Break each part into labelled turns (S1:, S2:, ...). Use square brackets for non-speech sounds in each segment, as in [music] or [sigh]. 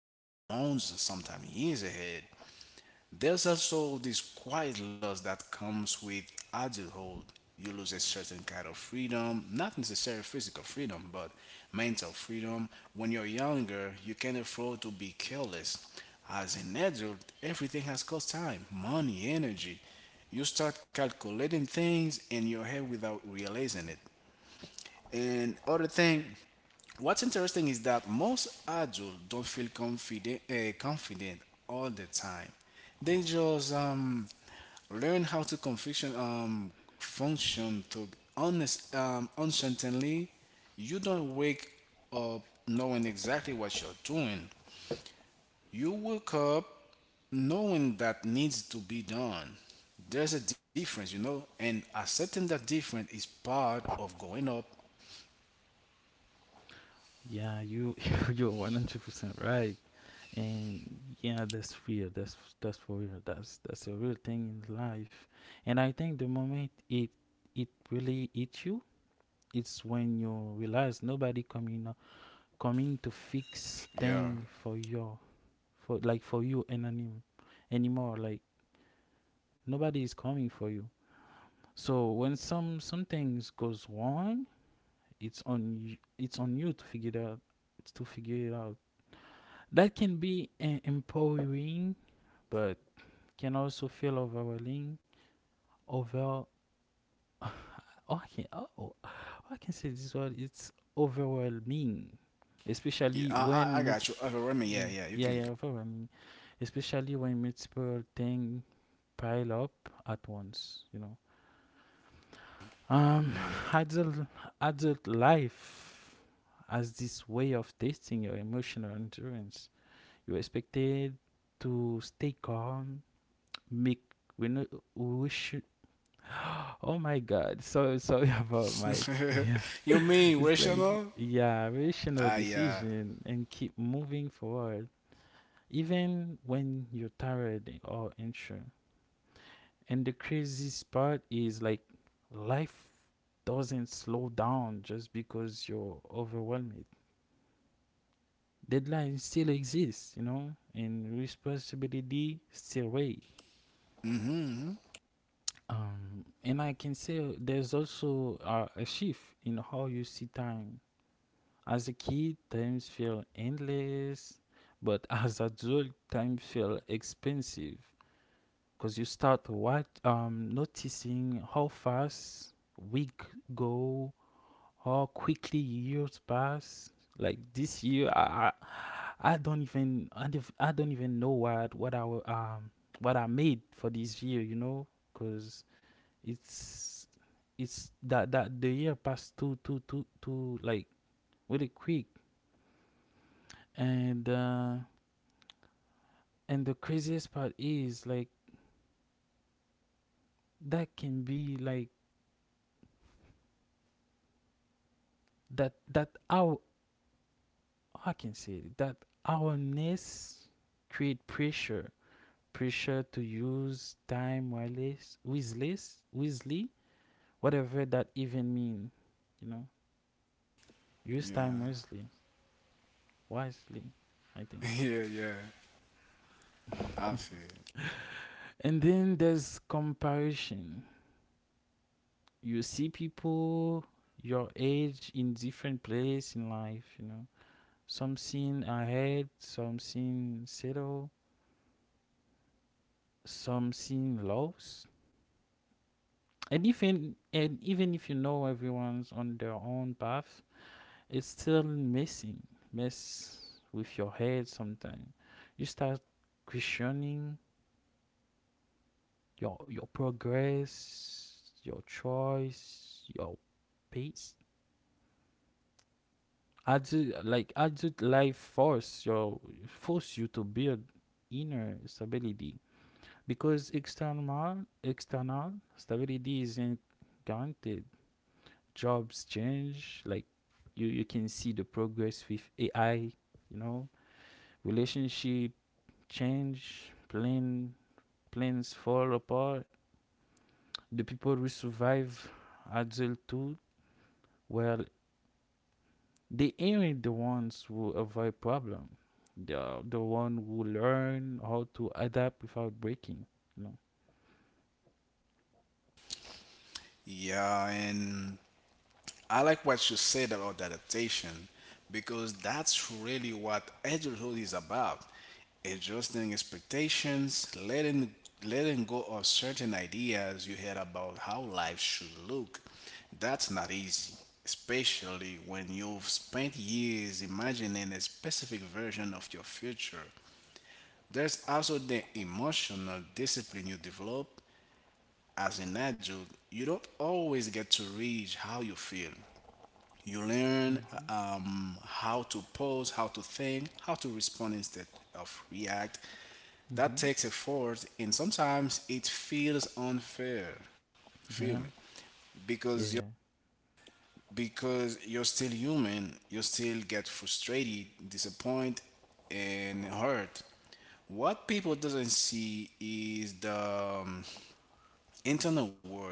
S1: affect months and sometimes years ahead. There's also this quiet loss that comes with adulthood. You lose a certain kind of freedom, not necessarily physical freedom, but mental freedom. When you're younger, you can afford to be careless. As an adult, everything has cost time, money, energy. You start calculating things in your head without realizing it. And other thing, what's interesting is that most adults don't feel confident confident all the time. They just learn how to confusion function to honest uncertainly. You don't wake up knowing exactly what you're doing. You wake up knowing that needs to be done. There's a difference, you know, and accepting that difference is part of going up.
S2: Yeah, you [laughs] you're 100% right. And yeah, that's real. That's for real. That's a real thing in life. And I think the moment it really hits you, it's when you realize nobody coming to fix
S1: Yeah.
S2: thing for your for like for you anonym anymore. Like nobody is coming for you. So when some things goes wrong, it's on you to figure it out, it's to figure it out that can be empowering, but can also feel overwhelming. Over okay, oh, I can, oh, oh, I can say this word, it's overwhelming,
S1: Yeah,
S2: especially
S1: I
S2: when
S1: got you.
S2: multiple
S1: Remy, yeah,
S2: yeah,
S1: yeah, you
S2: yeah,
S1: can.
S2: yeah. Overwhelming, especially when multiple things pile up at once, you know. um [laughs] adult adult life has this way of testing your emotional endurance. You're expected to stay calm, make, we know, we should. Oh my God! So sorry [laughs] about my [laughs] yeah.
S1: [laughs] You mean
S2: It's like
S1: rational?
S2: yeah, rational
S1: Ah, yeah.
S2: decision and keep moving forward, even when you're tired or unsure. And the craziest part is like life doesn't slow down just because you're overwhelmed. Deadlines still exist, you know, and responsibility still weighs.
S1: Mm-hmm, mm-hmm.
S2: And I can say there's also a shift in how you see time. As a kid, times feel endless, but [laughs] as adult, time feel expensive, because you start what noticing how fast week go, how quickly years pass. Like this year, I don't even I don't even know what I made for this year, you know, because it's it's that the year passed too like really quick. And and the craziest part is like that can be like that that our I can say it, that ourness create pressure, pressure to use time wireless wisely, wisely, whatever that even mean, you know. Use time
S1: Yeah.
S2: wisely. Wisely I think
S1: [laughs] Yeah, yeah. I feel.
S2: And then there's comparison. You see people your age in different place in life, you know. Some seen ahead, some seen settle, some seen lost. And even if you know everyone's on their own path, it's still mess with your head sometimes. You start questioning your progress, your choice, your pace. Adult Adult life force your force you to build inner stability, because external stability isn't guaranteed. Jobs change, like you can see the progress with AI. You know, relationship change, plans fall apart. The people who survive adulthood were, they ain't really the ones who avoid problem. They are the one who learn how to adapt without breaking, you know.
S1: Yeah, and I like what you said about adaptation because that's really what adulthood is about. Adjusting expectations, letting go of certain ideas you had about how life should look. That's not easy, especially when you've spent years imagining a specific version of your future. There's also the emotional discipline you develop as an adult. You don't always get to reach how you feel. You learn
S2: Mm-hmm.
S1: how to pose, how to think, how to respond instead of react. That
S2: Mm-hmm.
S1: takes effort, and sometimes it feels unfair. Feel me?
S2: Yeah.
S1: Because you're
S2: Yeah. Yeah.
S1: because you're still human. You still get frustrated, disappointed, and hurt. What people doesn't see is the internal work,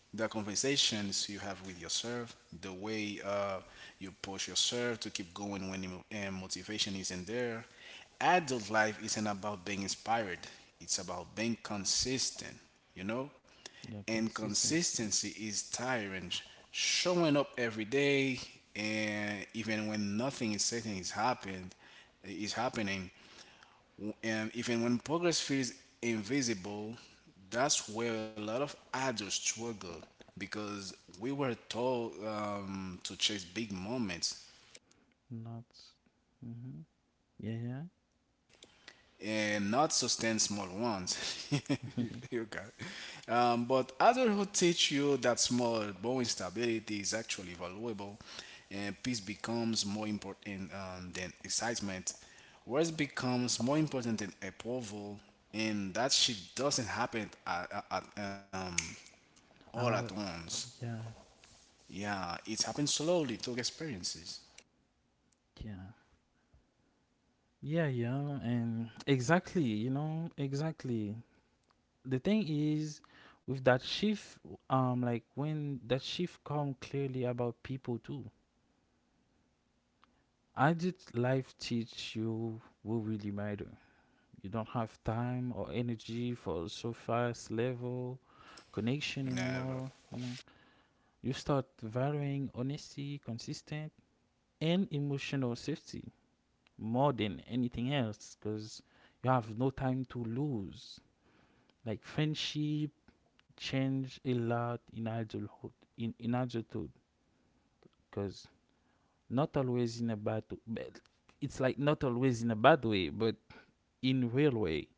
S1: the conversations you have with yourself, the way you push yourself to keep going when emo- and motivation isn't there. Adult life isn't about being inspired, it's about being consistent, you know?
S2: Yeah.
S1: And
S2: Consistency.
S1: consistency is tiring. Showing up every day, and even when nothing is certain is happening, and even when progress feels invisible, that's where a lot of adults struggle because we were told to chase big moments,
S2: Not. Mm-hmm. Yeah.
S1: and not sustain small ones.
S2: Yeah.
S1: [laughs] Okay. But adulthood teach you that small, boring stability is actually valuable, and peace becomes more important than excitement. Worth becomes more important than approval, and that shift doesn't happen all
S2: [laughs] I
S1: at
S2: like.
S1: once.
S2: Yeah.
S1: Yeah, it happens slowly through experiences.
S2: Yeah. Yeah. Yeah. And exactly. You know. Exactly. The thing is, with that shift, like when that shift come clearly about people too. How did life teach you who really matter? You don't have time or energy for so fast level connection
S1: Never.
S2: anymore. You know, you start valuing honesty, consistent, and emotional safety more than anything else, because you have no time to lose. Like friendship change a lot in adulthood. In adulthood, because not always in a bad. It's like not always in a bad way, but in railway,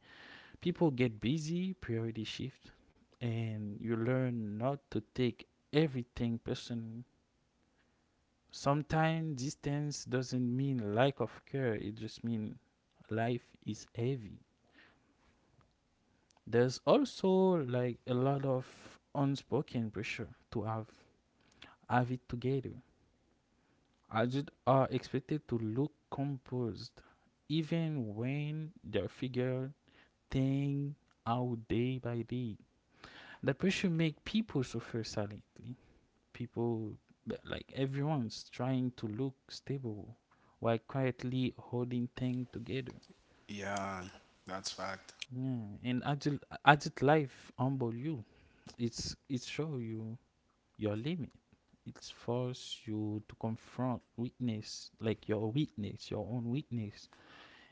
S2: people get busy, priority shift, and you learn not to take everything personally. Sometimes distance doesn't mean lack of care, it just means life is heavy. There's also like a lot of unspoken pressure to have it together. Adults are expected to look composed, even when they figure things out day by day. That pressure make people suffer silently. People, like everyone's trying to look stable while quietly holding things together.
S1: Yeah, that's fact.
S2: Yeah, and adult life humble you. It's it show you your limit. It's force you to confront weakness, like your weakness, your own weakness.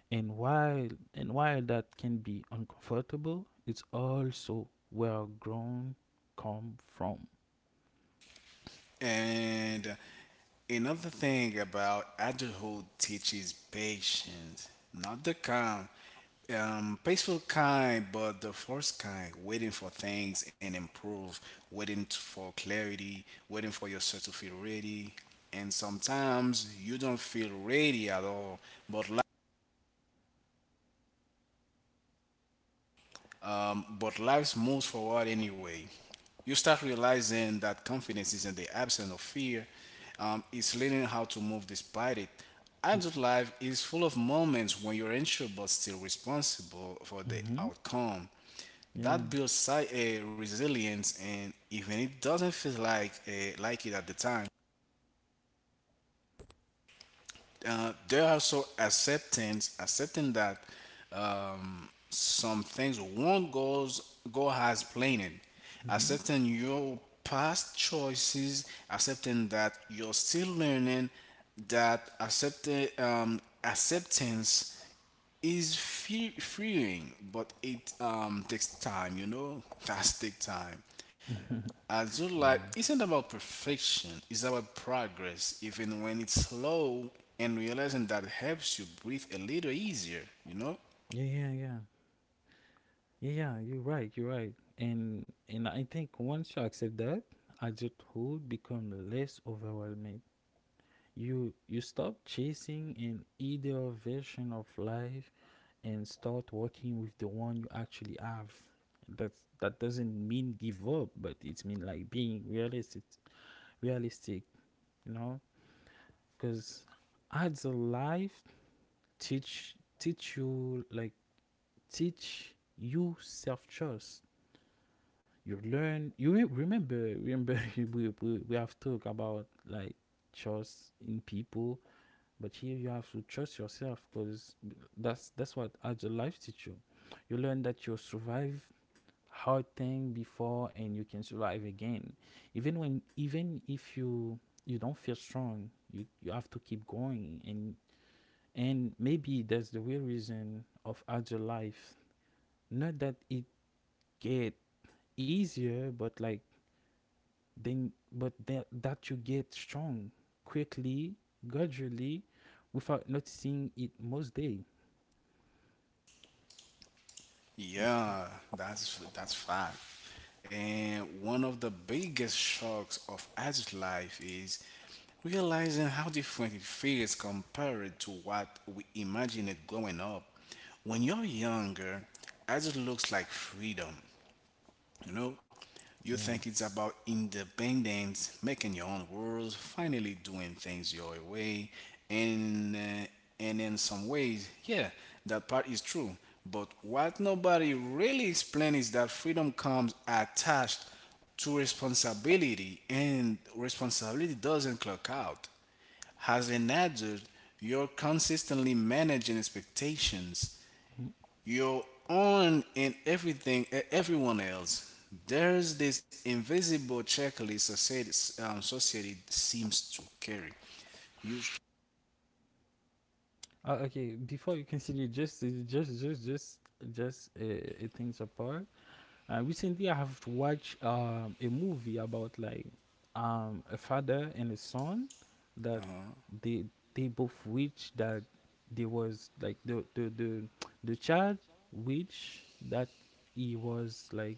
S2: And while and while that can be uncomfortable, it's also where grown come from.
S1: And another thing about adulthood teaches patience, not the calm, peaceful kind, but the forced kind, waiting for things and improve, waiting for clarity, waiting for yourself to feel ready. And sometimes you don't feel ready at all, but li- but life moves forward anyway. You start realizing that confidence isn't the absence of fear, it's learning how to move despite it. Adult life is full of moments when you're unsure but still responsible for the
S2: Hmm.
S1: outcome.
S2: Yeah.
S1: That builds a resilience, and even it doesn't feel like it at the time. They're also acceptance, accepting that some things won't goes go as planned.
S2: Mm-hmm.
S1: Accepting your past choices, accepting that you're still learning, that accepting acceptance is freeing, but it takes time. You know, [laughs] that's take time. I do
S2: [laughs]
S1: like
S2: yeah.
S1: isn't about perfection, it's about progress, even when it's slow, and realizing that helps you breathe a little easier, you know?
S2: Yeah, yeah, yeah. Yeah, yeah, you're right, you're right. And I think once you accept that, adulthood become less overwhelming. You stop chasing an ideal version of life and start working with the one you actually have. That doesn't mean give up, but it mean like being realistic, realistic, you know? Because as a life teach you like teach you self trust. You learn. You remember. Remember. [laughs] We, we have talked about like trust in people, but here you have to trust yourself, because that's what as a life teach you. You learn that you survive hard thing before, and you can survive again. Even when, even if you don't feel strong, you have to keep going. And and maybe that's the real reason of agile life. Not that it get easier, but but that you get strong, quickly, gradually, without noticing it most day.
S1: Yeah, that's fact. And one of the biggest shocks of adult life is realizing how different it feels compared to what we imagined growing up. When you're younger, adult looks like freedom. You know, you
S2: Yeah.
S1: think it's about independence, making your own rules, finally doing things your way, and uh, and in some ways, yeah, that part is true. But what nobody really explains is that freedom comes attached to responsibility, and responsibility doesn't clock out. As an adult, you're consistently managing expectations,
S2: Mhm.
S1: your own and everyone else. There's this invisible checklist society seems to carry you
S2: Okay. Before you continue, just just just just things apart. Recently, I have watched a movie about like a father and a son that they they both wish that there was like the child wish that he was like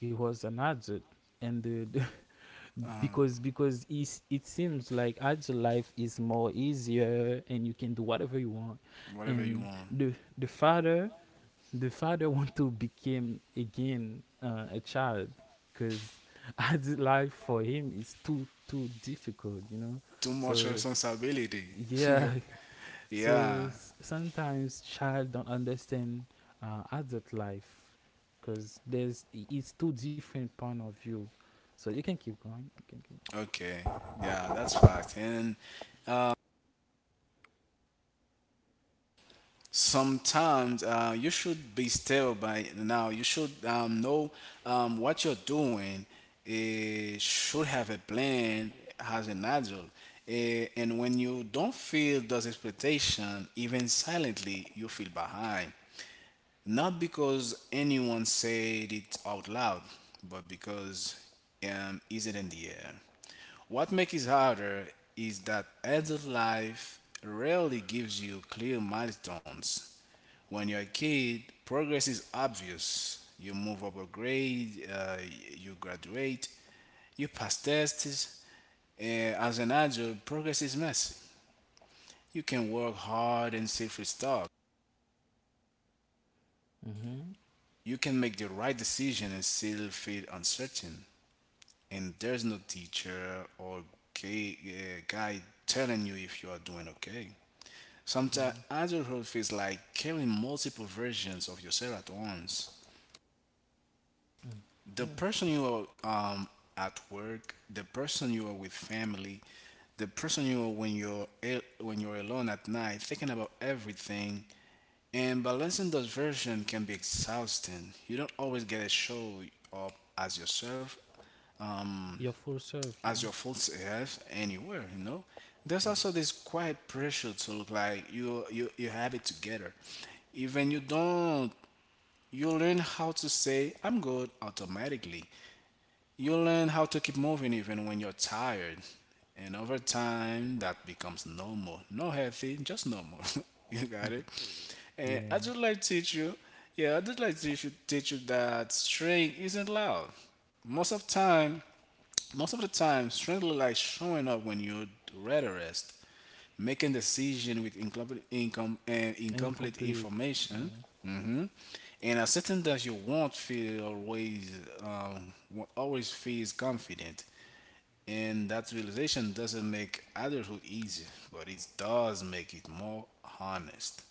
S2: he was an adult, and the [laughs] because it's, it seems like adult life is more easier and you can do whatever you want.
S1: whatever you
S2: And
S1: want,
S2: the father, the father [laughs] want to become again a child, because [laughs] life for him is too too difficult, you know.
S1: too much
S2: So
S1: responsibility.
S2: yeah.
S1: [laughs]
S2: [laughs] So
S1: Yeah,
S2: sometimes child don't understand adult life, because it's two different point of view. So you can keep going, you can keep.
S1: okay, yeah, that's fact. And sometimes you should be still by now, you should know what you're doing. It should have a plan as an adult. Eh, and when you don't feel those expectations even silently you feel behind, not because anyone said it out loud, but because is it in the air. What makes it harder is that adult life rarely gives you clear milestones. When you're a kid, progress is obvious. You move up a grade, you graduate, you pass tests. As an adult, progress is messy. You can work hard and still feel stuck.
S2: Mm-hmm.
S1: You can make the right decision and still feel uncertain. And there's no teacher or guy telling you if you are doing okay. Sometimes
S2: Yeah.
S1: adulthood feels like carrying multiple versions of yourself at once. The
S2: Mm-hmm.
S1: person you are at work, the person you are with family, the person you are when you're when you're alone at night, thinking about everything. And balancing those versions can be exhausting. You don't always get to show up as yourself, um,
S2: Your full self,
S1: as
S2: yeah.
S1: your full self anywhere. You know, there's
S2: Yeah,
S1: also this quiet pressure to look like you have it together. Even you don't, you learn how to say "I'm good" automatically. You learn how to keep moving even when you're tired. And over time, that becomes normal. No healthy, just normal. [laughs] You got it?
S2: [laughs]
S1: And I
S2: yeah.
S1: just like to teach you, yeah, I just like to teach you that strength isn't loud. Most of time, most of the time, strength look like showing up when you're ready to rest, making decision with incomplete
S2: Incomplete.
S1: information,
S2: Yeah.
S1: hmm, and asserting that you won't feel always won't always feels confident, and that realization doesn't make adulthood easy, but it does make it more honest.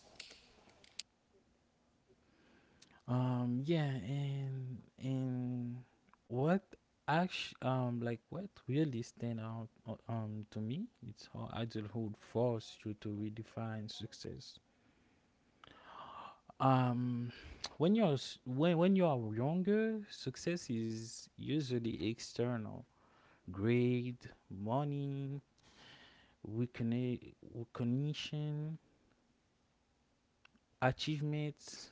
S2: Yeah, and what actually like what really stand out to me, it's how adulthood forced you to redefine success. Um, [tsk] when when you are younger, success is usually external: grade, money, recognition, achievements.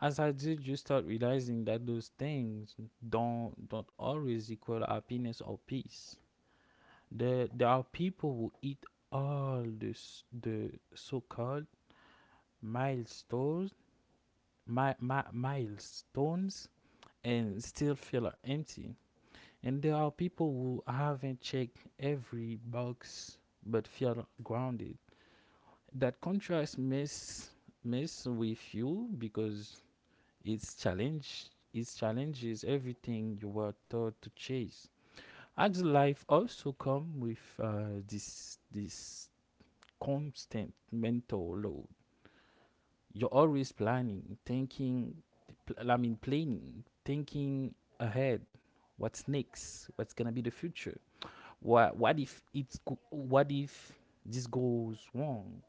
S2: As I did, you start realizing that those things don't always equal happiness or peace. There are people who eat all this the so-called milestones, my milestones, and still feel empty. And there are people who haven't checked every box but feel grounded. That contrast mess with you, because Its challenge its challenge is everything you were taught to chase. Adult life also come with this constant mental load. You're always planning, thinking, planning, thinking ahead. What's next? What's gonna be the future? What if this goes wrong?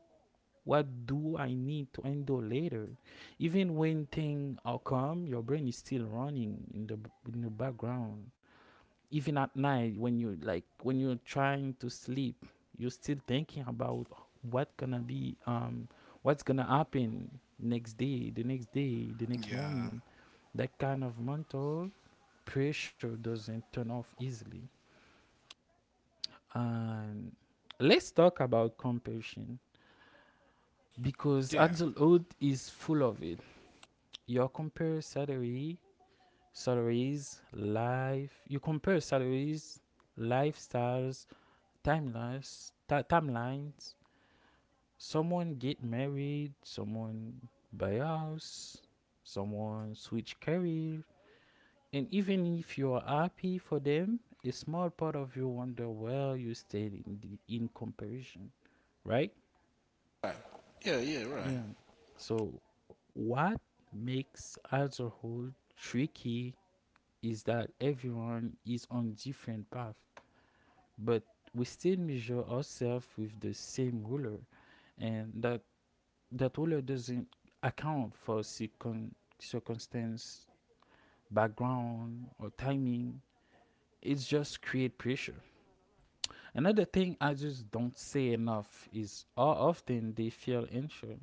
S2: What do I need to handle later? Even when things are calm, your brain is still running in the background. Even at night, when you like when you're trying to sleep, you're still thinking about what gonna be um what's gonna happen next day, the next day, the next
S1: Yeah,
S2: morning. That kind of mental pressure doesn't turn off easily. And let's talk about compassion, because
S1: yeah,
S2: adulthood is full of it. You compare salaries, life. You compare salaries, lifestyles, timelines. Someone get married, someone buy a house, someone switch career, and even if you are happy for them, a small part of you wonder where you stayed in the, in comparison, right?
S1: right. Yeah, yeah, right.
S2: Yeah. So, what makes alcohol tricky is that everyone is on different path, but we still measure ourselves with the same ruler, and that that ruler doesn't account for circumstance, background, or timing. It's just create pressure. Another thing I just don't say enough is how often they feel unsure.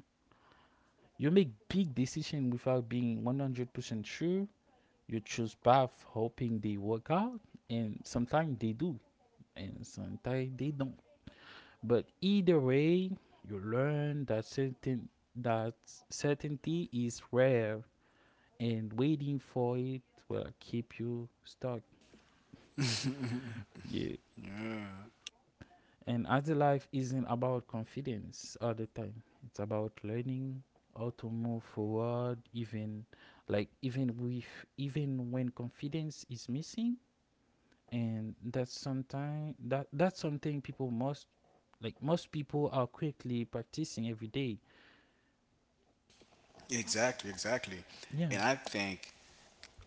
S2: You make big decisions without being 100% sure. You choose path hoping they work out, and sometimes they do, and sometimes they don't. But either way, you learn that that certainty is rare, and waiting for it will keep you stuck, yeah. And other life isn't about confidence all the time, it's about learning how to move forward, even like even with even when confidence is missing. And that's sometimes that's something people must, like most people are quickly practicing every day.
S1: Exactly, exactly.
S2: Yeah.
S1: And I think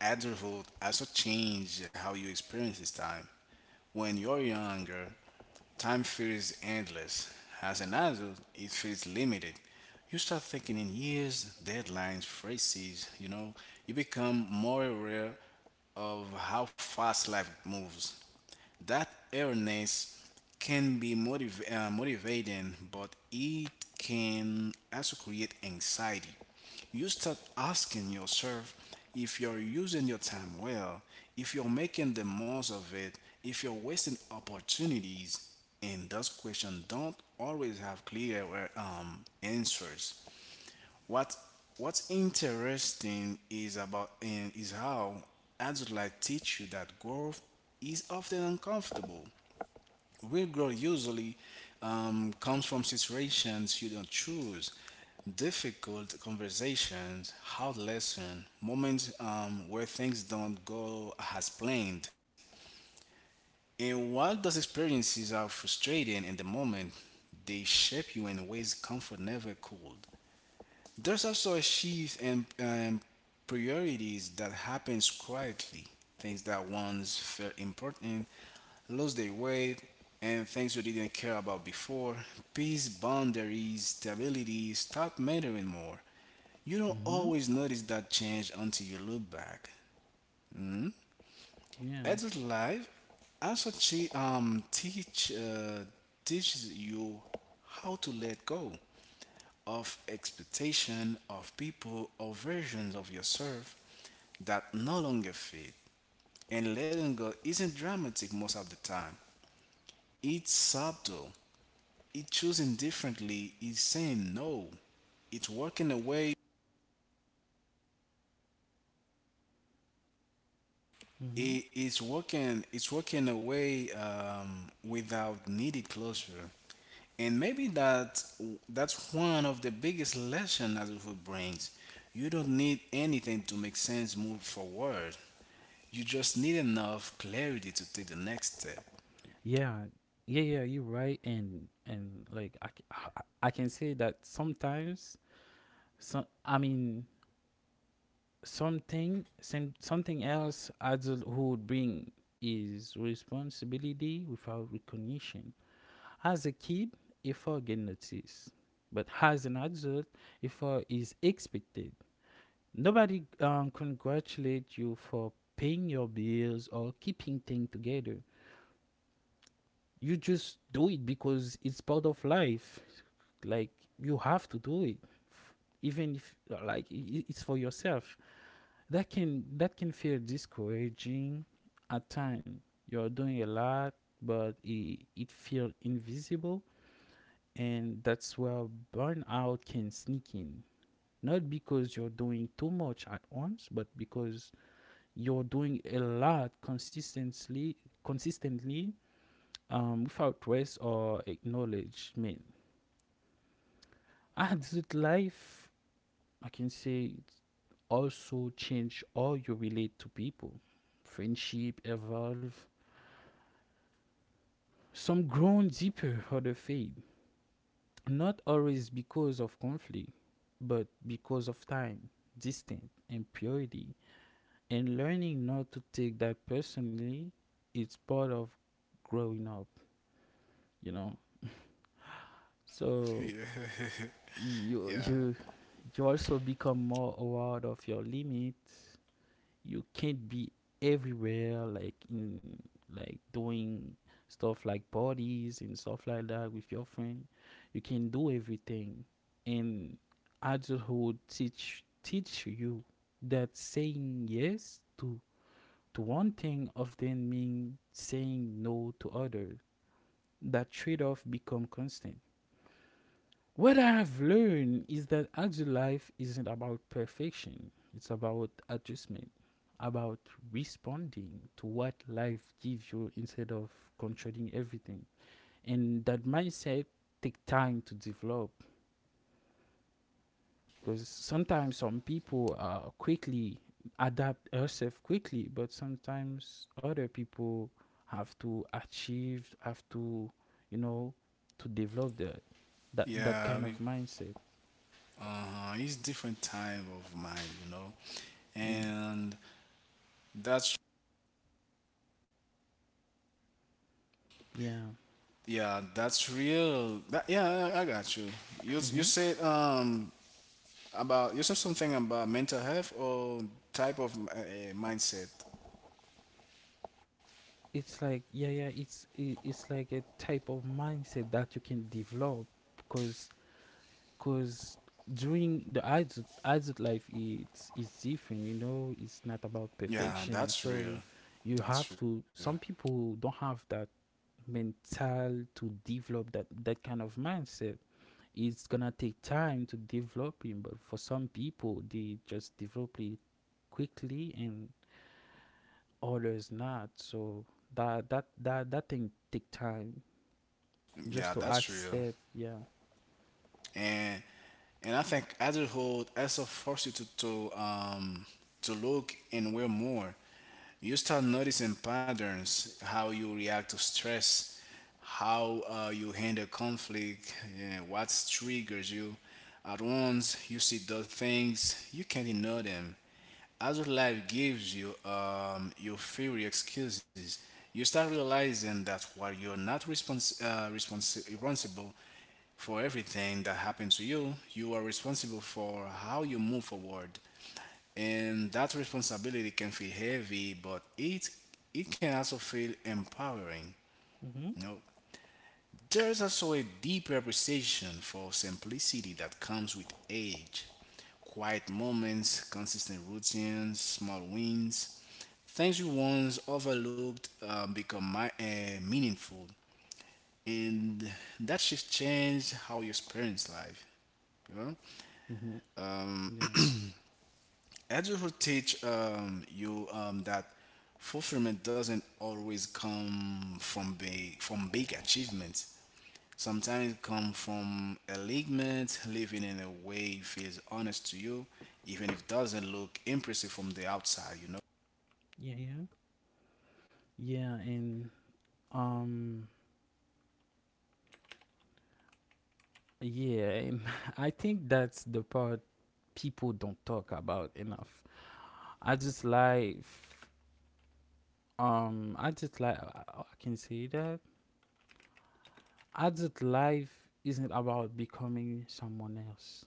S1: adulthood also change how you experience this time. When you're younger, time feels endless. As an adult, it feels limited. You start thinking in years, deadlines, phrases, you know, you become more aware of how fast life moves. That awareness can be motivating, but it can also create anxiety. You start asking yourself if you're using your time well, if you're making the most of it, if you're wasting opportunities, and those questions don't always have clear answers. What What's interesting is about and is how adults like teach you that growth is often uncomfortable. Real growth usually comes from situations you don't choose, difficult conversations, hard lessons, moments where things don't go as planned. And while those experiences are frustrating in the moment, they shape you in ways comfort never could. There's also a shift in priorities that happens quietly. Things that once felt important lose their weight, and things you didn't care about before. Peace, boundaries, stability stop mattering more. You don't
S2: Mm-hmm.
S1: always notice that change until you look back.
S2: Yeah.
S1: Adult life also teaches you how to let go of expectation of people or versions of yourself that no longer fit. And letting go isn't dramatic most of the time. It's subtle. It's choosing differently. It's saying no. It's working away.
S2: Mm-hmm.
S1: It's working away without needed closure. And maybe that's one of the biggest lessons that it will brings. You don't need anything to make sense move forward. You just need enough clarity to take the next step.
S2: Yeah, yeah, yeah, you're right. And like I can say that sometimes some i mean something else adulthood bring is responsibility without recognition. As a kid, effort get noticed, but as an adult, effort is expected. Nobody congratulate you for paying your bills or keeping things together. You just do it because it's part of life. Like you have to do it, F- even if it's for yourself. That can feel discouraging at times. You're doing a lot, but it feels invisible. And that's where burnout can sneak in. Not because you're doing too much at once, but because you're doing a lot consistently, consistently without rest or acknowledgement. Adult life, I can say, also change how you relate to people. Friendship evolve. Some grown deeper, other fade. Not always because of conflict, but because of time, distance, and purity. And learning not to take that personally, it's part of growing up, you know.
S1: [laughs]
S2: So
S1: Yeah. [laughs]
S2: you you you also become more aware of your limit. You can't be everywhere, like in, like doing stuff like parties and stuff like that with your friend. You can do everything. And adulthood teach you that saying yes to one thing often means saying no to other. That trade-off become constant. What I have learned is that adult life isn't about perfection, it's about adjustment, about responding to what life gives you instead of controlling everything. And that mindset takes time to develop because sometimes some people quickly adapt herself quickly, but sometimes other people have to achieve, have to, you know, to develop that
S1: Yeah,
S2: kind
S1: yeah,
S2: of mindset.
S1: uh it's different type of mind
S2: Yeah.
S1: and that's
S2: Yeah.
S1: yeah that's real that, yeah, I got you you
S2: Mm-hmm.
S1: said about you said something about mental health or type of mindset,
S2: It's like, yeah, yeah, it's like a type of mindset that you can develop. Because because during the adult life it's different, it's not about
S1: yeah
S2: perfection.
S1: that's
S2: So
S1: real,
S2: you
S1: that's
S2: have
S1: real,
S2: to. Some people don't have that mental to develop that kind of mindset. It's gonna take time to develop it, but for some people they just develop it quickly, and others not. So that thing take time just
S1: yeah
S2: to
S1: that's real.
S2: accept. Yeah.
S1: And I think adulthood also forces you to to um to look and wear more. You start noticing patterns, how you react to stress, how you handle conflict, yeah, what triggers you. At once you see those things you can't ignore them, as your life gives you your theory excuses. You start realizing that while you're not responsible for everything that happened to you, you are responsible for how you move forward. And that responsibility can feel heavy, but it can also feel empowering,
S2: Mm-hmm.
S1: you know. There's also a deep appreciation for simplicity that comes with age: quiet moments, consistent routines, small wins. Things we once overlooked become meaningful, and that shift changed how you experience life, you know.
S2: Hmm.
S1: Um,
S2: Yeah.
S1: Adulthood teach you that fulfillment doesn't always come from big achievements. Sometimes it comes from alignment, living in a way feels honest to you, even if it doesn't look impressive from the outside. You know.
S2: Yeah, yeah. Yeah, and um, yeah, and [laughs] I think that's the part people don't talk about enough. I just like, I can say that. I just life isn't about becoming someone else.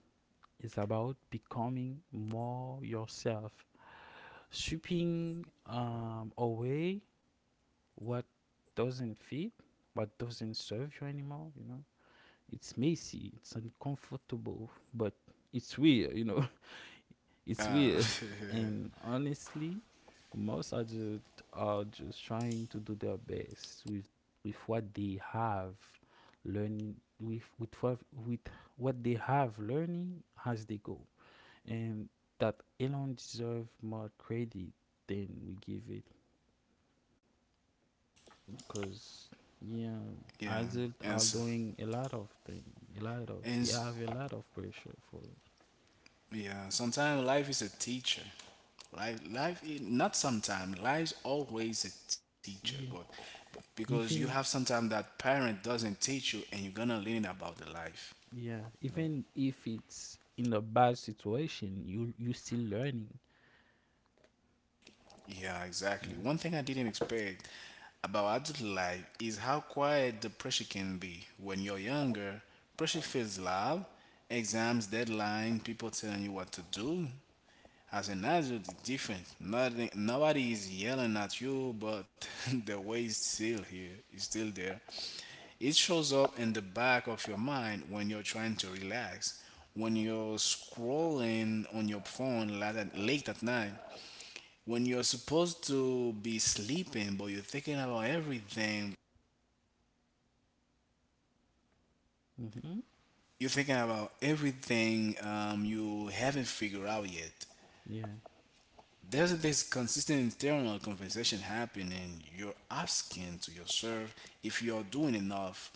S2: It's about becoming more yourself. Sweeping away what doesn't fit, what doesn't serve you anymore. It's messy, it's uncomfortable, but it's weird. [laughs] It's weird. And honestly, most adults are just trying to do their best with what they have, learning with what they have learning as they go, and that alone deserve more credit than we give it. Cause, yeah,
S1: Yeah.
S2: Isaac
S1: And
S2: are
S1: so,
S2: doing a lot of thing, a lot of
S1: and
S2: they have a lot of pressure for.
S1: yeah, sometimes life is a teacher. Life is not sometimes. Life's always a teacher,
S2: Yeah.
S1: but because you have
S2: Even
S1: sometimes that parent doesn't teach you, and you're gonna learn about the life.
S2: Yeah,
S1: You know?
S2: even if it's in a bad situation, you still learning.
S1: Yeah, exactly.
S2: Mm-hmm.
S1: One thing I didn't expect about adult life is how quiet the pressure can be. When you're younger, pressure feels loud: exams, deadline, people telling you what to do. As an adult, it's different. Nothing, nobody is yelling at you, but [laughs] the way is still here. It's still there. It shows up in the back of your mind when you're trying to relax, when you're scrolling on your phone late at night, when you're supposed to be sleeping, but you're thinking about everything.
S2: Mm-hmm.
S1: You're thinking about everything you haven't figured out yet.
S2: Yeah,
S1: There's this consistent internal conversation happening. You're asking to yourself if you're doing enough,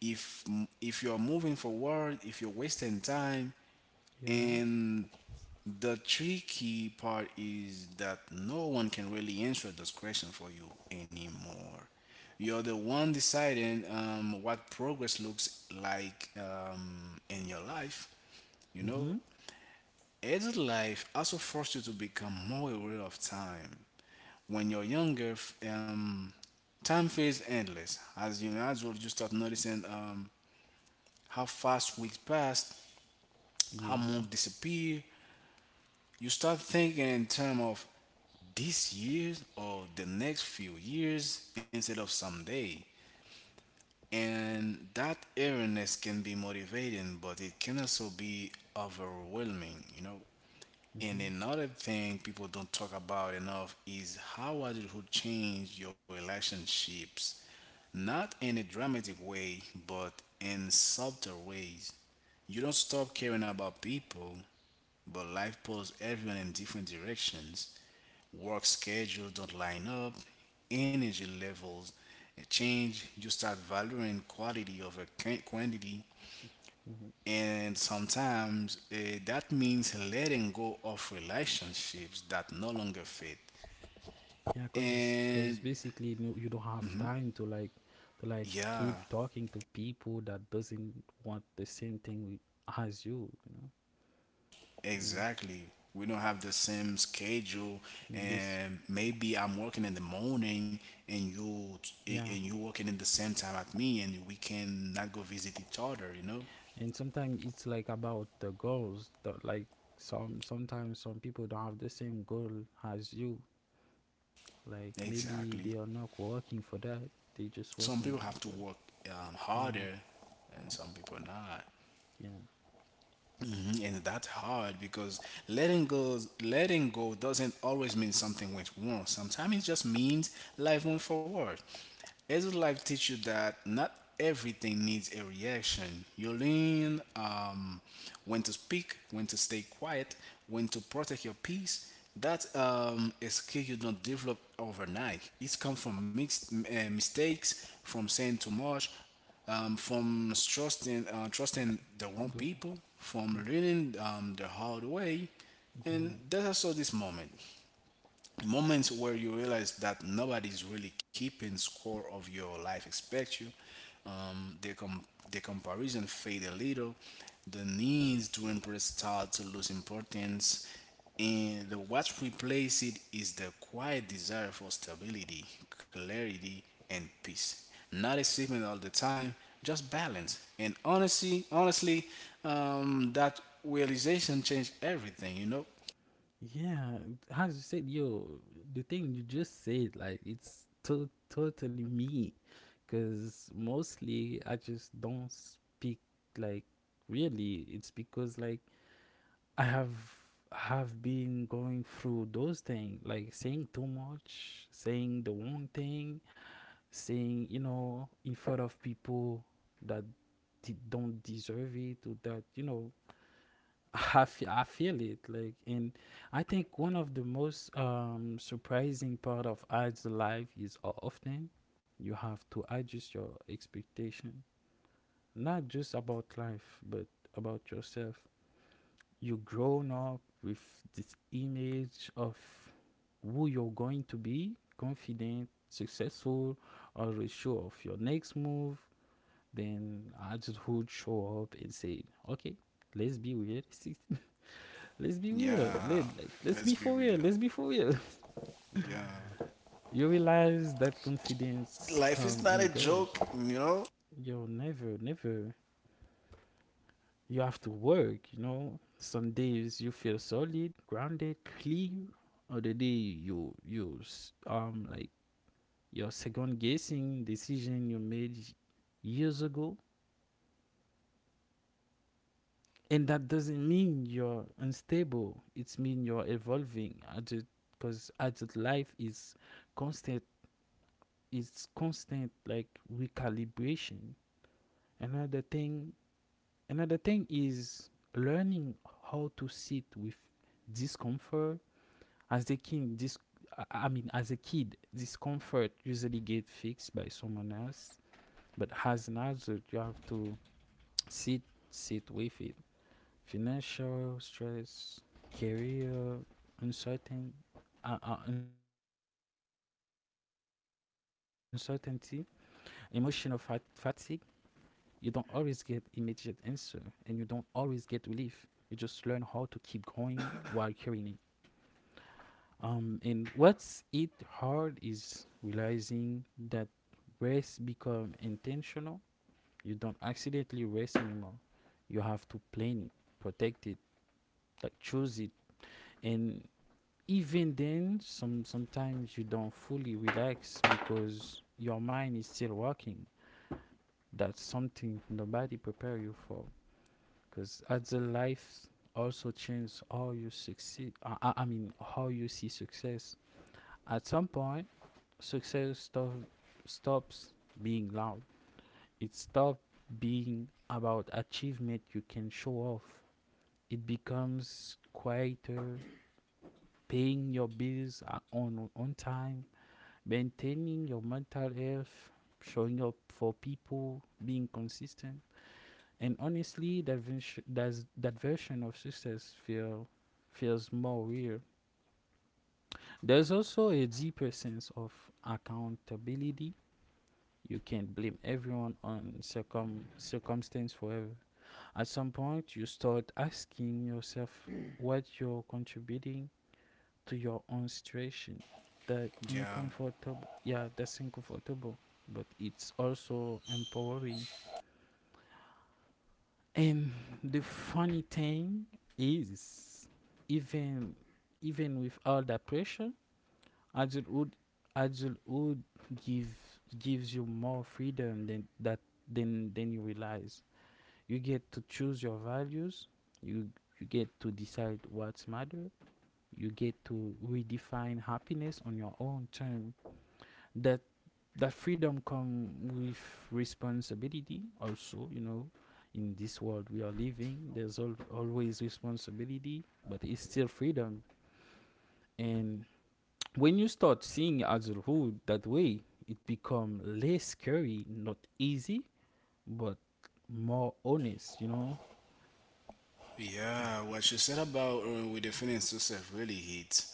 S1: if if you're moving forward, if you're wasting time.
S2: yeah.
S1: And the tricky part is that no one can really answer this question for you anymore. You're the one deciding what progress looks like in your life. You know,
S2: Mm-hmm.
S1: adult life also forced you to become more aware of time. When you're younger, time feels endless. As you start noticing how fast weeks pass, how
S2: Yeah.
S1: months disappear. You start thinking in terms of this year or the next few years instead of someday. And that eeriness can be motivating, but it can also be overwhelming, you know. And
S2: Mm-hmm.
S1: another thing people don't talk about enough is how adulthood change your relationships. Not in a dramatic way, but in subtle ways. You don't stop caring about people, but life pulls everyone in different directions. Work schedules don't line up, energy levels change, you start valuing quality over quantity,
S2: Mm-hmm.
S1: and sometimes that means letting go of relationships that no longer fit.
S2: Yeah, cause
S1: And
S2: basically, no, you don't have time to like,
S1: yeah,
S2: keep talking to people that doesn't want the same thing with, as you. You know. Yeah.
S1: exactly. We don't have the same schedule,
S2: This
S1: and maybe I'm working in the morning, and you
S2: Yeah.
S1: working in the same time at me, and we can not go visit each other. You know.
S2: And sometimes it's like about the goals that, like, some people don't have the same goal as you. Like maybe
S1: Exactly.
S2: they are not working for that, they just
S1: Some people
S2: working
S1: have to
S2: for.
S1: work
S2: Yeah,
S1: harder, and some people not.
S2: yeah.
S1: Mhm. And that's hard because letting go doesn't always mean something went wrong. Sometimes it just means life went forward. Adult life teach you that not everything needs a reaction. You learn when to speak, when to stay quiet, when to protect your peace. That a skill you don't develop overnight. It's come from mixed mistakes, from saying too much, from trusting the wrong
S2: Do-
S1: people, from learning the hard way,
S2: yeah,
S1: and that's also this moment, moments where you realize that nobody's really keeping score of your life expect you. um, the, com- the comparison fade a little, the needs to impress start to lose importance, and the what replaces it is the quiet desire for stability, clarity, and peace, not a statement all the time, just balance. And honestly, honestly, that realization changed everything, you know.
S2: yeah. As you said, yo, the thing you just said, like, it's totally me. Because mostly I just don't speak, like, really. It's because, like, I have been going through those things, like saying too much, saying the wrong thing, saying, you know, in front of people that don't deserve it, or that, you know. [laughs] I feel it, like. And I think one of the most surprising part of ads life is often you have to adjust your expectation, not just about life, but about yourself. You grown up with this image of who you're going to be, confident, successful, already sure of your next move. Then adulthood show up and say, okay, let's be weird. [laughs] Let's be weird.
S1: Yeah,
S2: Let's
S1: let's
S2: be
S1: be
S2: for real,
S1: real.
S2: let's be for real.
S1: Yeah.
S2: [laughs] You realize that confidence
S1: Life is
S2: come
S1: not a
S2: and goes.
S1: joke, you know?
S2: You're never, you have to work, you know. Some days you feel solid, grounded, clear. Other day, you like, you're second guessing decision you made years ago. And that doesn't mean you're unstable. It's mean you're evolving. Adult Because adult life is constant constant, like recalibration. Another thing another thing is learning how to sit with discomfort. As the king, this I- mean, As a kid, discomfort usually get fixed by someone else, but as an adult, you have to sit sit with it. Financial stress, career uncertain, uncertainty, emotional fatigue. You don't always get immediate answer, and you don't always get relief. You just learn how to keep going [coughs] while carrying it. And what's it hard is realizing that rest become intentional. You don't accidentally rest anymore. You have to plan it, protect it, like choose it. And even then, sometimes you don't fully relax because your mind is still working. That's something nobody prepare you for. Because as the life also change how you succeed, I mean how you see success. At some point, success stops being loud. It stops being about achievement you can show off. It becomes quieter: paying your bills on time, maintaining your mental health, showing up for people, being consistent. And honestly, that version of success feels more real. There's also a deeper sense of accountability. You can't blame everyone on circumstance forever. At some point, you start asking yourself what you're contributing to your own situation.
S1: Yeah,
S2: Yeah, that's uncomfortable, but it's also empowering. And the funny thing is, even even with all that pressure, adulthood adulthood give gives you more freedom than that than you realize. You get to choose your values. You you get to decide what's matter. You get to redefine happiness on your own term. That that freedom comes with responsibility also, you know. In this world we are living, there's always responsibility. But it's still freedom. And when you start seeing adulthood that way, it become less scary, not easy, but more honest, you know.
S1: yeah. What you said about with the feeling yourself really hit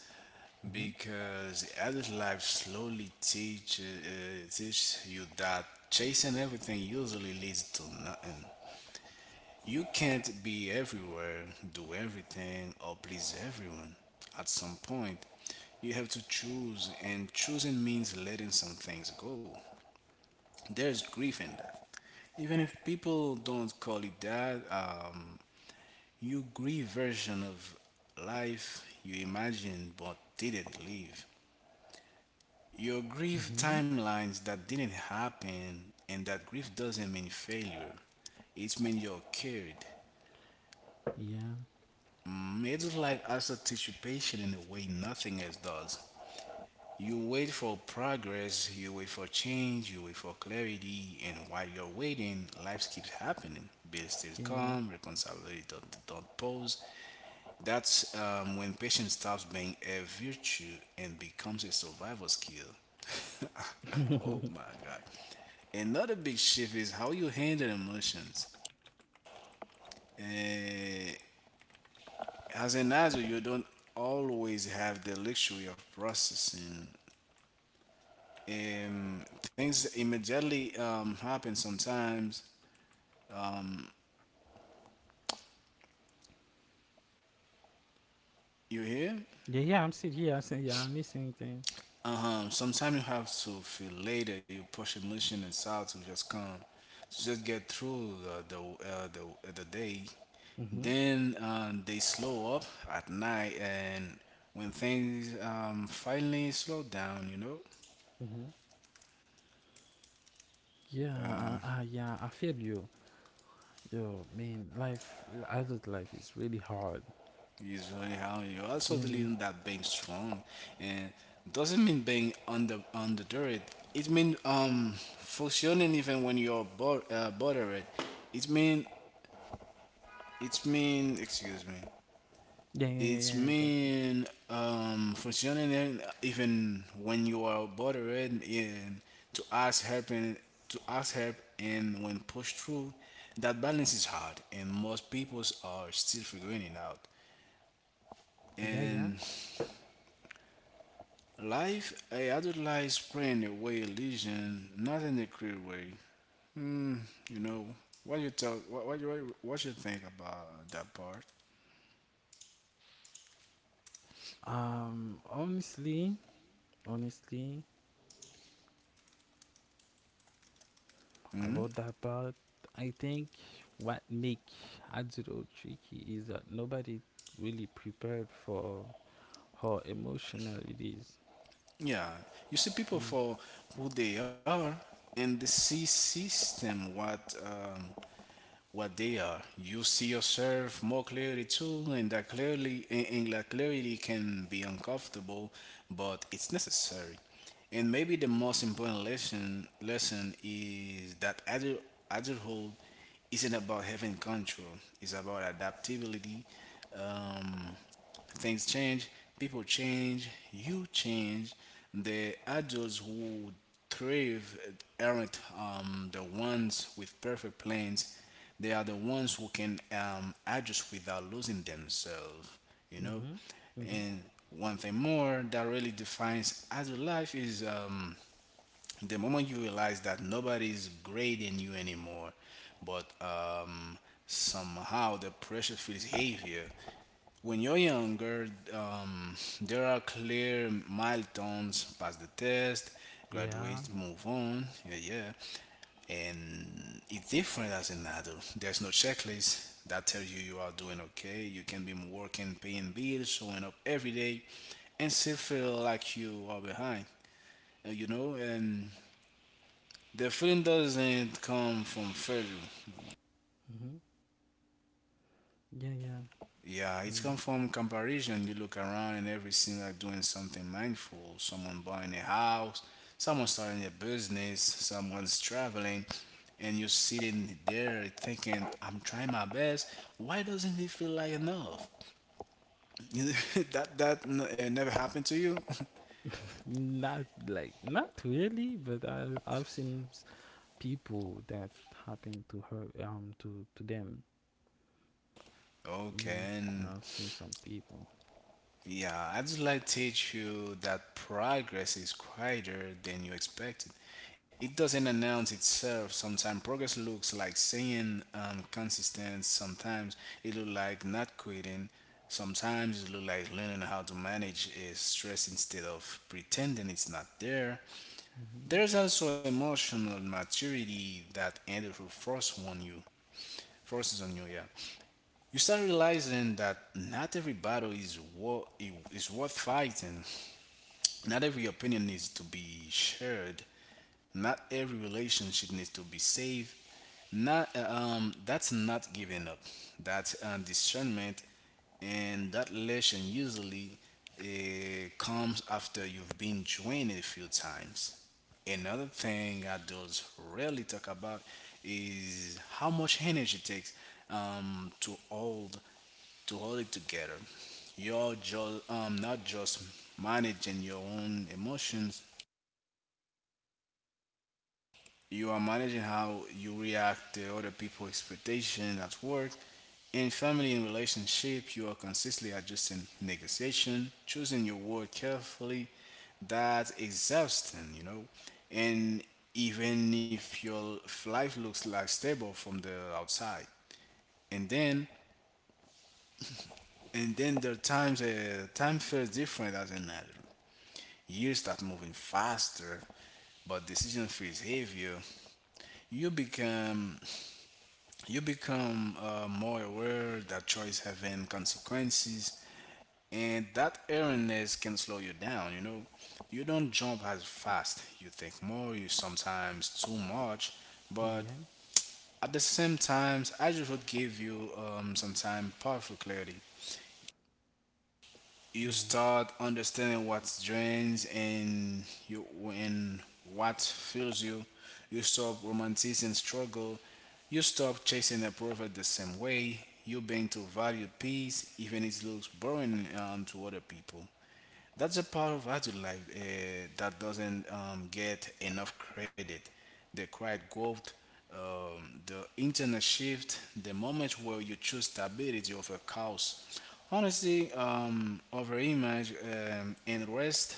S2: Mm-hmm.
S1: because adult life slowly teach you that chasing everything usually leads to nothing. You can't be everywhere, do everything, or please everyone. At some point, you have to choose, and choosing means letting some things go. There's grief in that. Even if people don't call it that, you grieve version of life you imagined but didn't live. Your grief
S2: Mm-hmm.
S1: timelines that didn't happen, and that grief doesn't mean failure. It means you're cured.
S2: Yeah.
S1: Middle life also teaches you patience in a way nothing else does. You wait for progress, you wait for change, you wait for clarity, and while you're waiting, life keeps happening. Bills still
S2: Yeah.
S1: come, responsibility don't pause. That's when patience stops being a virtue and becomes a survival skill. [laughs]
S2: [laughs]
S1: Oh my God. Another big shift is how you handle emotions. Eh, as an adult, you don't always have the luxury of processing. Things immediately happen sometimes. You hear?
S2: Yeah, yeah, I'm still, yeah, I'm still, yeah, I'm listening to him.
S1: Sometimes you have to feel later. You push emotion inside to just come, to just get through the day.
S2: Mm-hmm.
S1: Then they slow up at night, and when things finally slow down, you know,
S2: Yeah, yeah, I feel you. Yo, man, life, adult life is really hard.
S1: is really how you also
S2: Yeah, yeah,
S1: believe that being strong, and doesn't mean being under it. It means functioning even when you're bothered. It mean it mean Excuse me.
S2: yeah, yeah, yeah,
S1: It's
S2: yeah, I got you.
S1: mean functioning even when you are bothered, right? And to ask help and when pushed through, that balance is hard and most people are still figuring it out.
S2: Yeah, yeah.
S1: And life, I adult life spread away illusion, not in a clear way. You know what you think about that part?
S2: Honestly, honestly, about that part, I think what make adult tricky is that nobody really prepared for how emotional it is.
S1: Yeah, you see people
S2: Mm.
S1: for who they are and the see system what they are. You see yourself more clearly too, and and that clarity can be uncomfortable, but it's necessary. And maybe the most important lesson is that adulthood isn't about having control. It's about adaptability. Um, Things change, people change, you change. The adults who thrive aren't the ones with perfect plans. They are the ones who can adjust without losing themselves, you know.
S2: Mm-hmm. Mm-hmm.
S1: And one thing more that really defines adult life is the moment you realize that nobody's grading you anymore, but somehow the pressure feels heavier. When you're younger, um, there are clear milestones: pass the test,
S2: Yeah.
S1: graduate, move on. Yeah, yeah. And it's different as an adult. There's no checklist that tells you you are doing okay. You can be working, paying bills, showing up every day, and still feel like you are behind. You know, and the feeling doesn't come from failure.
S2: Hmm. Yeah, yeah,
S1: Yeah, it's
S2: yeah.
S1: come from comparison. You look around and every seems like doing something mindful. Someone buying a house, someone starting a business, someone's traveling, and you're sitting there thinking, "I'm trying my best. Why doesn't it feel like enough?" [laughs] That never happened to you. [laughs]
S2: [laughs] Not, like, not really, but I've seen people that happened to her, to them. Yeah,
S1: Okay, and
S2: I've seen some people.
S1: yeah, I'd just like to teach you that progress is quieter than you expected. It doesn't announce itself. Sometimes progress looks like staying consistent. Sometimes it looks like not quitting. Sometimes it looks like learning how to manage stress instead of pretending it's not there.
S2: Hmm.
S1: There's also emotional maturity that others will force on you. Forces on you, yeah. You start realizing that not every is worth fighting. Not every opinion needs to be shared. Not every relationship needs to be saved. Not That's not giving up. That's discernment, and that lesson usually uh, comes after you've been joined a few times. Another thing adults rarely talk about is how much energy it takes to hold it together. You're just not just managing your own emotions, you are managing how you react to other people's expectations at work, in family and relationship. You are consistently adjusting, negotiation, choosing your word carefully. That's exhausting, you know. And even if your life looks like stable from the outside, and then and then there are times time feels different as an adult. Years start moving faster, but decision feels heavier. you become You become more aware that choice having consequences, and that awareness can slow you down. You know, you don't jump as fast. You think more. You sometimes too much,
S2: Yeah,
S1: but
S2: yeah,
S1: at the same times, I just would give you some time powerful clarity. You
S2: yeah,
S1: start understanding what drains and you and what fills you. You stop romanticizing struggle. You stop chasing approval the same way. You begin to value peace, even if it looks boring to other people. That's a part of adult life that doesn't get enough credit. The quiet growth, the internal shift, the moment where you choose stability over chaos. Honestly, over image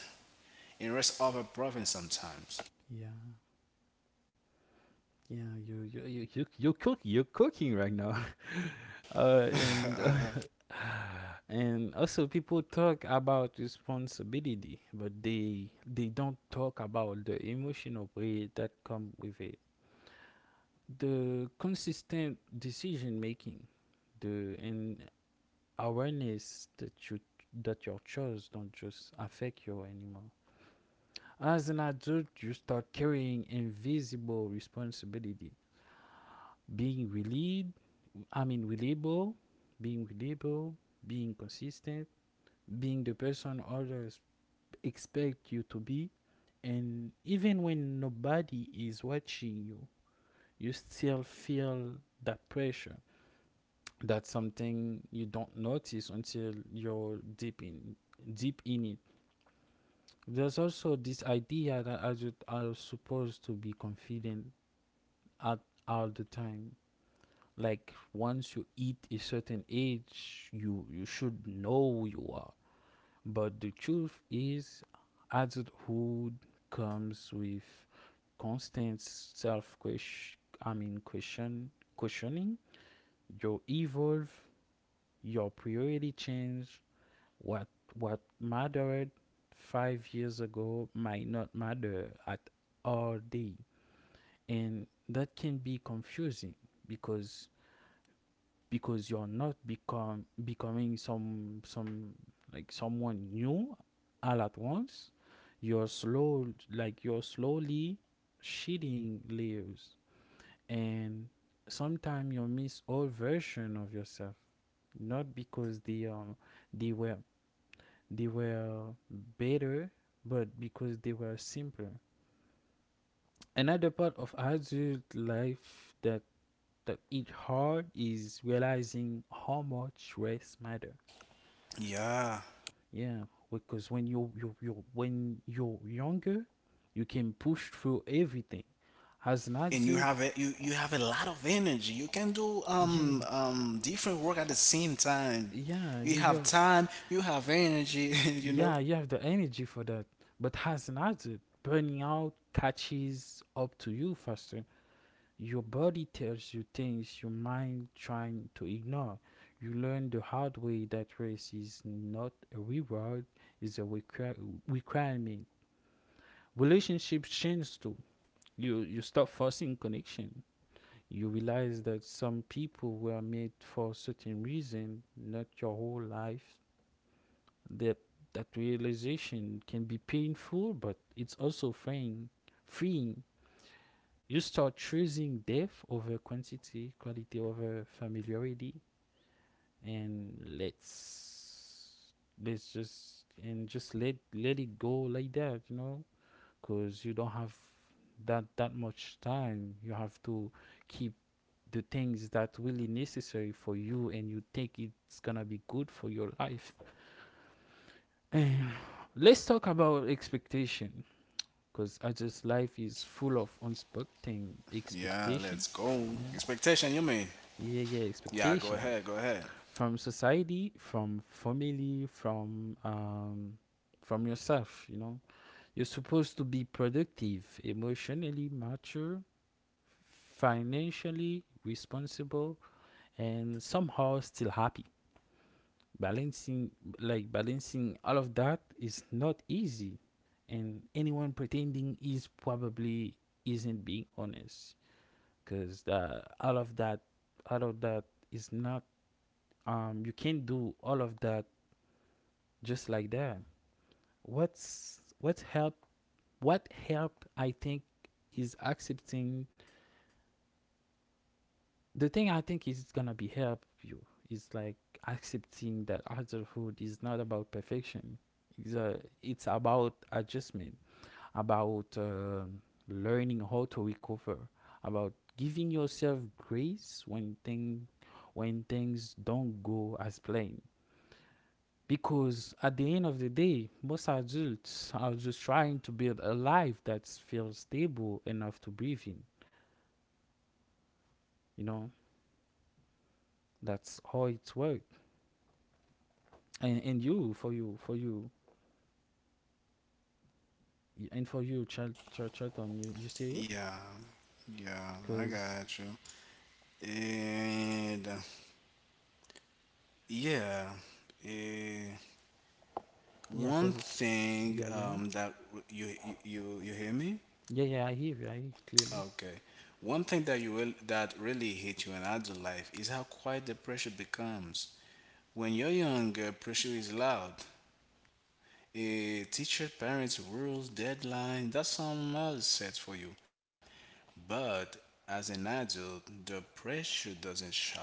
S1: and rest over profit sometimes.
S2: yeah, yeah. You're cooking right now, [laughs] and [laughs] and also people talk about responsibility, but they don't talk about the emotional weight that come with it. The consistent decision making, the and awareness that your chores don't just affect you anymore. As an adult, you start carrying invisible responsibility, being relied, I mean reliable, being reliable, being consistent, being the person others expect you to be. And even when nobody is watching you, you still feel that pressure. That's something you don't notice until you're deep in it. There's also this idea that are supposed to be confident at all the time. Like, once you hit a certain age, you should know who you are. But the truth is, adulthood comes with constant self question i mean question questioning. You evolve, your priority change. What what mattered 5 years ago might not matter at all day. And that can be confusing, because because you're not become becoming someone new all at once. You're slowly shedding layers. And sometimes you miss old version of yourself, not because they were they were better, but because they were simpler. Another part of adult life that it hard is realizing how much rest matters.
S1: Yeah,
S2: Yeah, because when you're younger, you can push through everything. As an
S1: and you
S2: adult,
S1: have a, you have a lot of energy. You can do
S2: yeah,
S1: different work at the same time.
S2: yeah,
S1: You
S2: you
S1: have
S2: you
S1: time, you have energy, [laughs] you know.
S2: yeah, you have the energy for that. But as an adult, burning out catches up to you faster. Your body tells you things your mind trying to ignore. You learn the hard way that race is not a reward, it's a requirement. Relationships change too. You stop forcing connection. You realize that some people were made for certain reason, not your whole life. That that realization can be painful, but it's also freeing. Freeing, you start choosing depth over quantity, quality over familiarity, and let's just let it go like that, you know, because you don't have that much time. You have to keep the things that really necessary for you, and you think it's gonna be good for your life. [sighs] And let's talk about expectation, because I just life is full of unexpected
S1: Yeah,
S2: expectation.
S1: let's go.
S2: Yeah,
S1: Expectation, you mean?
S2: yeah,
S1: Yeah, go
S2: expectation
S1: ahead, go ahead.
S2: from society, from family, from yourself, you know. You're supposed to be productive, emotionally mature, financially responsible, and somehow still happy. Balancing, balancing all of that is not easy, and anyone pretending is probably isn't being honest, because all of that all of that is not, you can't do all of that just like that. What's what help? What help? I think is accepting the thing. I think is gonna be help you is like accepting that adulthood is not about perfection. It's about adjustment, about learning how to recover, about giving yourself grace when thing when things don't go as planned. Because at the end of the day, most adults are just trying to build a life that feels stable enough to breathe in. You know, that's how it's work. And you, for you, Chilton, you see it?
S1: Yeah, yeah, I
S2: Cause
S1: got you. And yeah, eh,
S2: yeah,
S1: one
S2: cause
S1: thing
S2: yeah, yeah,
S1: you you hear me?
S2: yeah, yeah. I hear you. I hear clearly.
S1: Okay. One thing that you will that really hit you in adult life is how quiet the pressure becomes. When you're younger, pressure is loud. A teacher, parents, rules, deadline, that's someone else set for you. But as an adult, the pressure doesn't shout.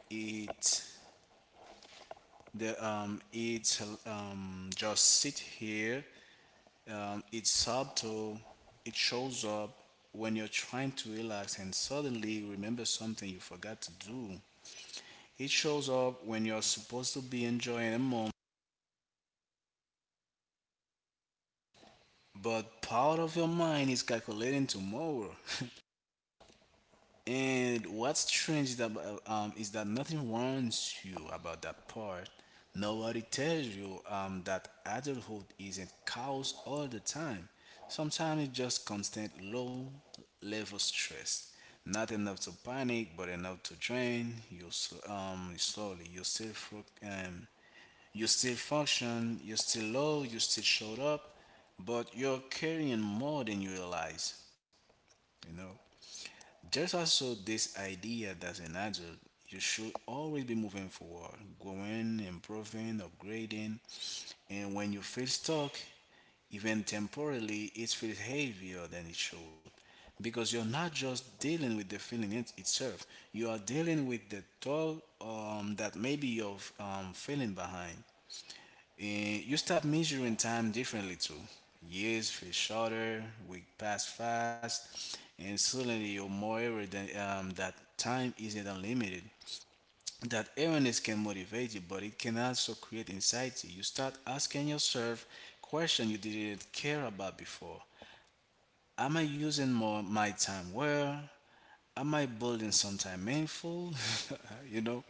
S1: It the it's just sit here. It's subtle. It shows up when you're trying to relax and suddenly remember something you forgot to do. It shows up when you're supposed to be enjoying a moment, but part of your mind is calculating tomorrow. And what's strange is that nothing warns you about that part. Nobody tells you that adulthood isn't chaos all the time. Sometimes it's just constant low level stress. Not enough to panic, but enough to drain you slowly. You still function. You still low. You still showed up, but you're carrying more than you realize. You know. There's also this idea that as an adult, you should always be moving forward, growing, improving, upgrading. And when you feel stuck, even temporarily, it feels heavier than it should. Because you're not just dealing with the feeling it, itself, you are dealing with the toll that maybe you're feeling behind. You start measuring time differently too. Years feel shorter, week pass fast, and suddenly you're more aware that time isn't unlimited. That awareness can motivate you, but it can also create anxiety. You start asking yourself questions you didn't care about before. Am I using more my time well? Am I building something meaningful? [laughs] you know?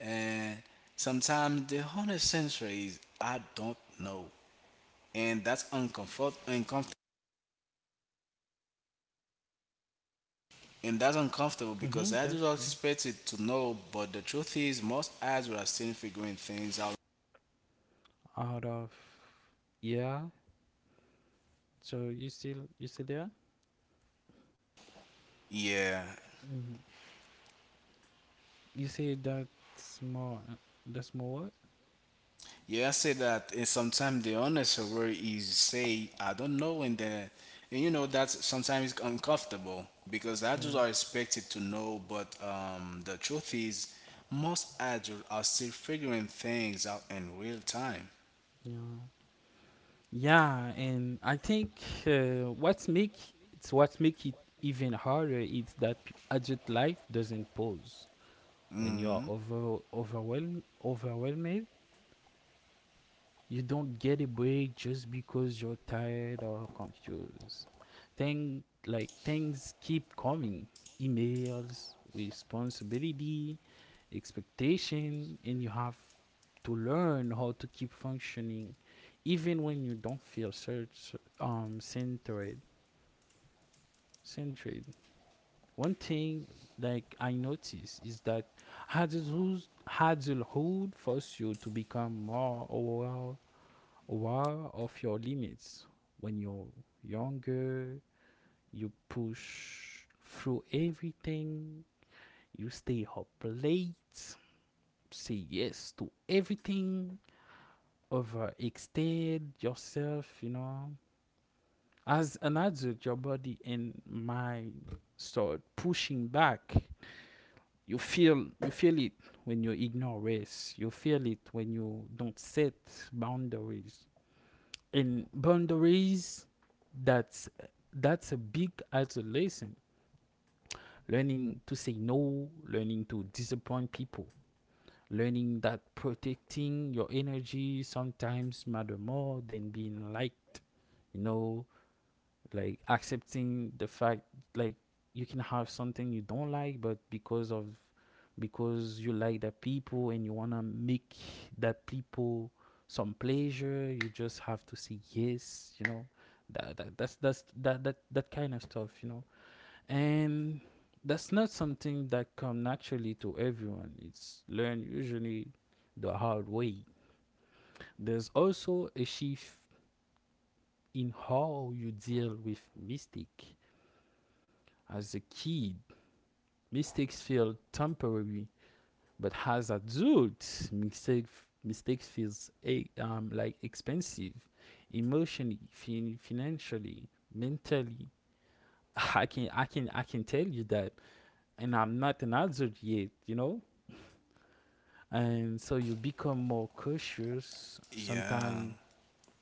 S1: And sometimes the honest answer is I don't know, and that's uncomfortable, and that's uncomfortable because
S2: Mhm.
S1: I do
S2: That's
S1: not
S2: yeah.
S1: expect it to know, but the truth is most ads are still figuring things out.
S2: Out of yeah. So you still there?
S1: Yeah,
S2: You say that's more. That's more what?
S1: yeah, I say that and sometimes the honest word is say I don't know, and then and you know that sometimes it's uncomfortable because adults
S2: Yeah.
S1: are expected to know, but the truth is most ads are still figuring things out in real time.
S2: Yeah. Yeah, and I think what's make it's what's make it even harder is that adult life doesn't pause when you are
S1: Hmm.
S2: overwhelmed. You don't get a break just because you're tired or confused. Things keep coming. Emails, responsibility, expectation, and you have to learn how to keep functioning even when you don't feel search um centered centered. One thing like I notice is that adulthood adulthood forces you to become more aware. Aware of your limits? When you're younger, you push through everything, you stay up late, say yes to everything, overextend yourself, you know. As an adult, your body and mind start pushing back. You feel it when you ignore rest. You feel it when you don't set boundaries. And boundaries, that's that's a big isolation. Learning to say no, learning to disappoint people, learning that protecting your energy sometimes matter more than being liked, you know. Like accepting the fact, like, you can have something you don't like, but because of, because you like the people and you want to make that people some pleasure, you just have to say yes, you know. That, that that's that that that kind of stuff, you know. And that's not something that come naturally to everyone. It's learned, usually the hard way. There's also a shift in how you deal with mistake. As a kid, mistakes feel temporary, but as adults, mistakes feels like expensive, emotionally, financially, mentally. I can tell you that, and I'm not an adult yet, you know. And so you become more cautious.
S1: Yeah.
S2: Sometimes,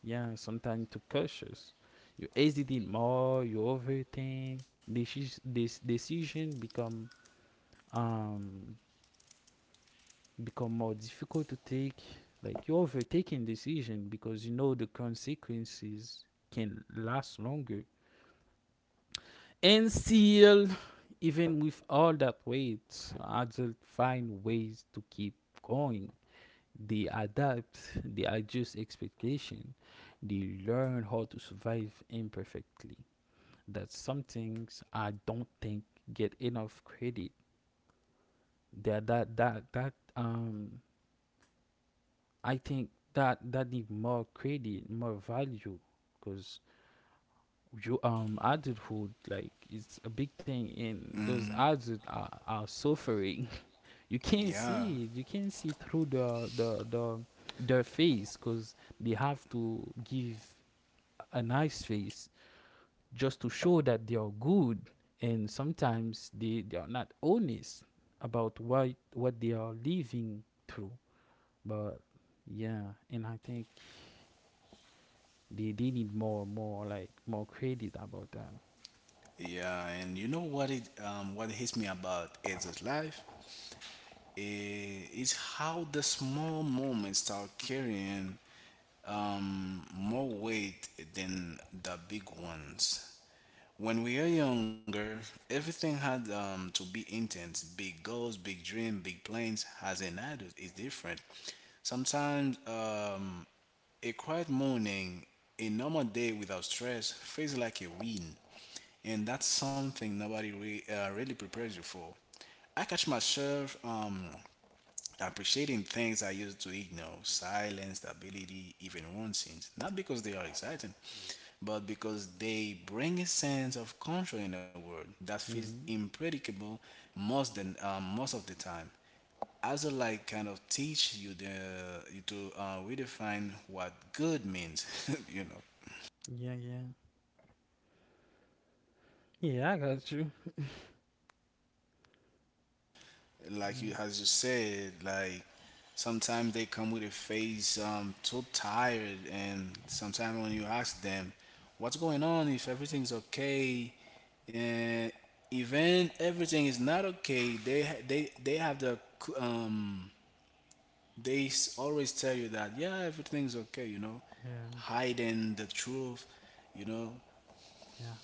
S2: yeah, sometimes too cautious. You hesitate more. You overthink. This decision become um become more difficult to take. Like you're overtaking decision because you know the consequences can last longer. And still, even with all that weight, adults find ways to keep going. They adapt, they adjust expectation, they learn how to survive imperfectly. That's some things I don't think get enough credit. That that that that I think that that need more credit, more value, because you adulthood, like, it's a big thing, and those
S1: Hmm.
S2: adults are suffering. [laughs] You can't
S1: Yeah.
S2: see it. You can't see through the their face, because they have to give a nice face just to show that they are good, and sometimes they are not honest about what they are living through. But yeah, and I think they need more, like, more credit about that.
S1: Yeah, and you know what it what hits me about Ed's life is how the small moments start carrying more weight than the big ones. When we are younger, everything had to be intense. Big goals, big dreams, big plans. As an adult, is different. Sometimes a quiet morning, a normal day without stress, feels like a win, and that's something nobody really prepares you for. I catch myself appreciating things I used to ignore: silence, stability, even nonsense. Not because they are exciting, but because they bring a sense of control in the world that feels
S2: Hmm.
S1: impredictable most, most of the time. Also, like kind of teach you the you to redefine what good means, [laughs] you know.
S2: Yeah, yeah. Yeah, I got you.
S1: Like
S2: Mm.
S1: you as you said, like sometimes they come with a face so tired, and sometimes when you ask them what's going on, if everything's okay, and even everything is not okay, they have the c- they s- always tell you that yeah, everything's okay, you know,
S2: Yeah,
S1: hiding the truth, you know.
S2: yeah.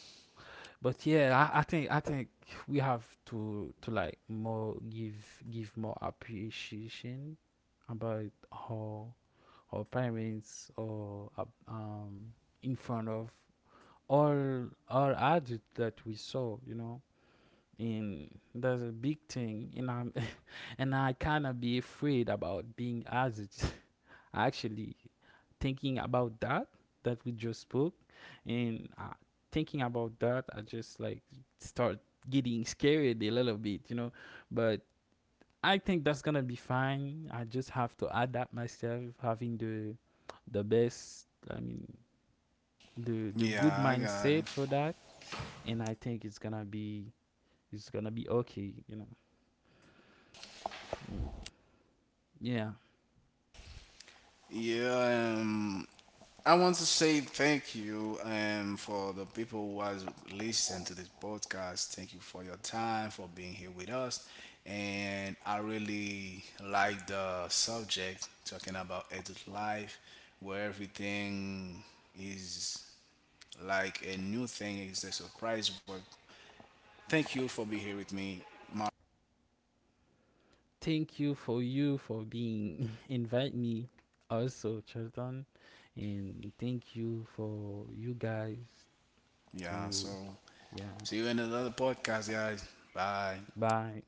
S2: But yeah, I think we have to, like, more give more appreciation about how our parents, or in front of all adults that we saw, you know. And that's a big thing, and I'm [laughs] and I kinda be afraid about being adult. Actually, thinking about that that we just spoke, and thinking about that, I just like start getting scared a little bit, you know. But I think that's gonna be fine. I just have to adapt myself, having the best. I mean, the good
S1: Yeah, I got
S2: mindset
S1: it.
S2: for that, and I think it's gonna be okay, you know. Mm. Yeah.
S1: Yeah, I want to say thank you for the people who has listened to this podcast. Thank you for your time, for being here with us. And I really like the subject talking about adult life, where everything is like a new thing, is a surprise. But thank you for being here with me. My,
S2: Thank you for being [laughs] invite me also, Charlton, and thank you for you guys
S1: yeah, so
S2: to yeah.
S1: see you in another podcast, guys. Bye.
S2: Bye.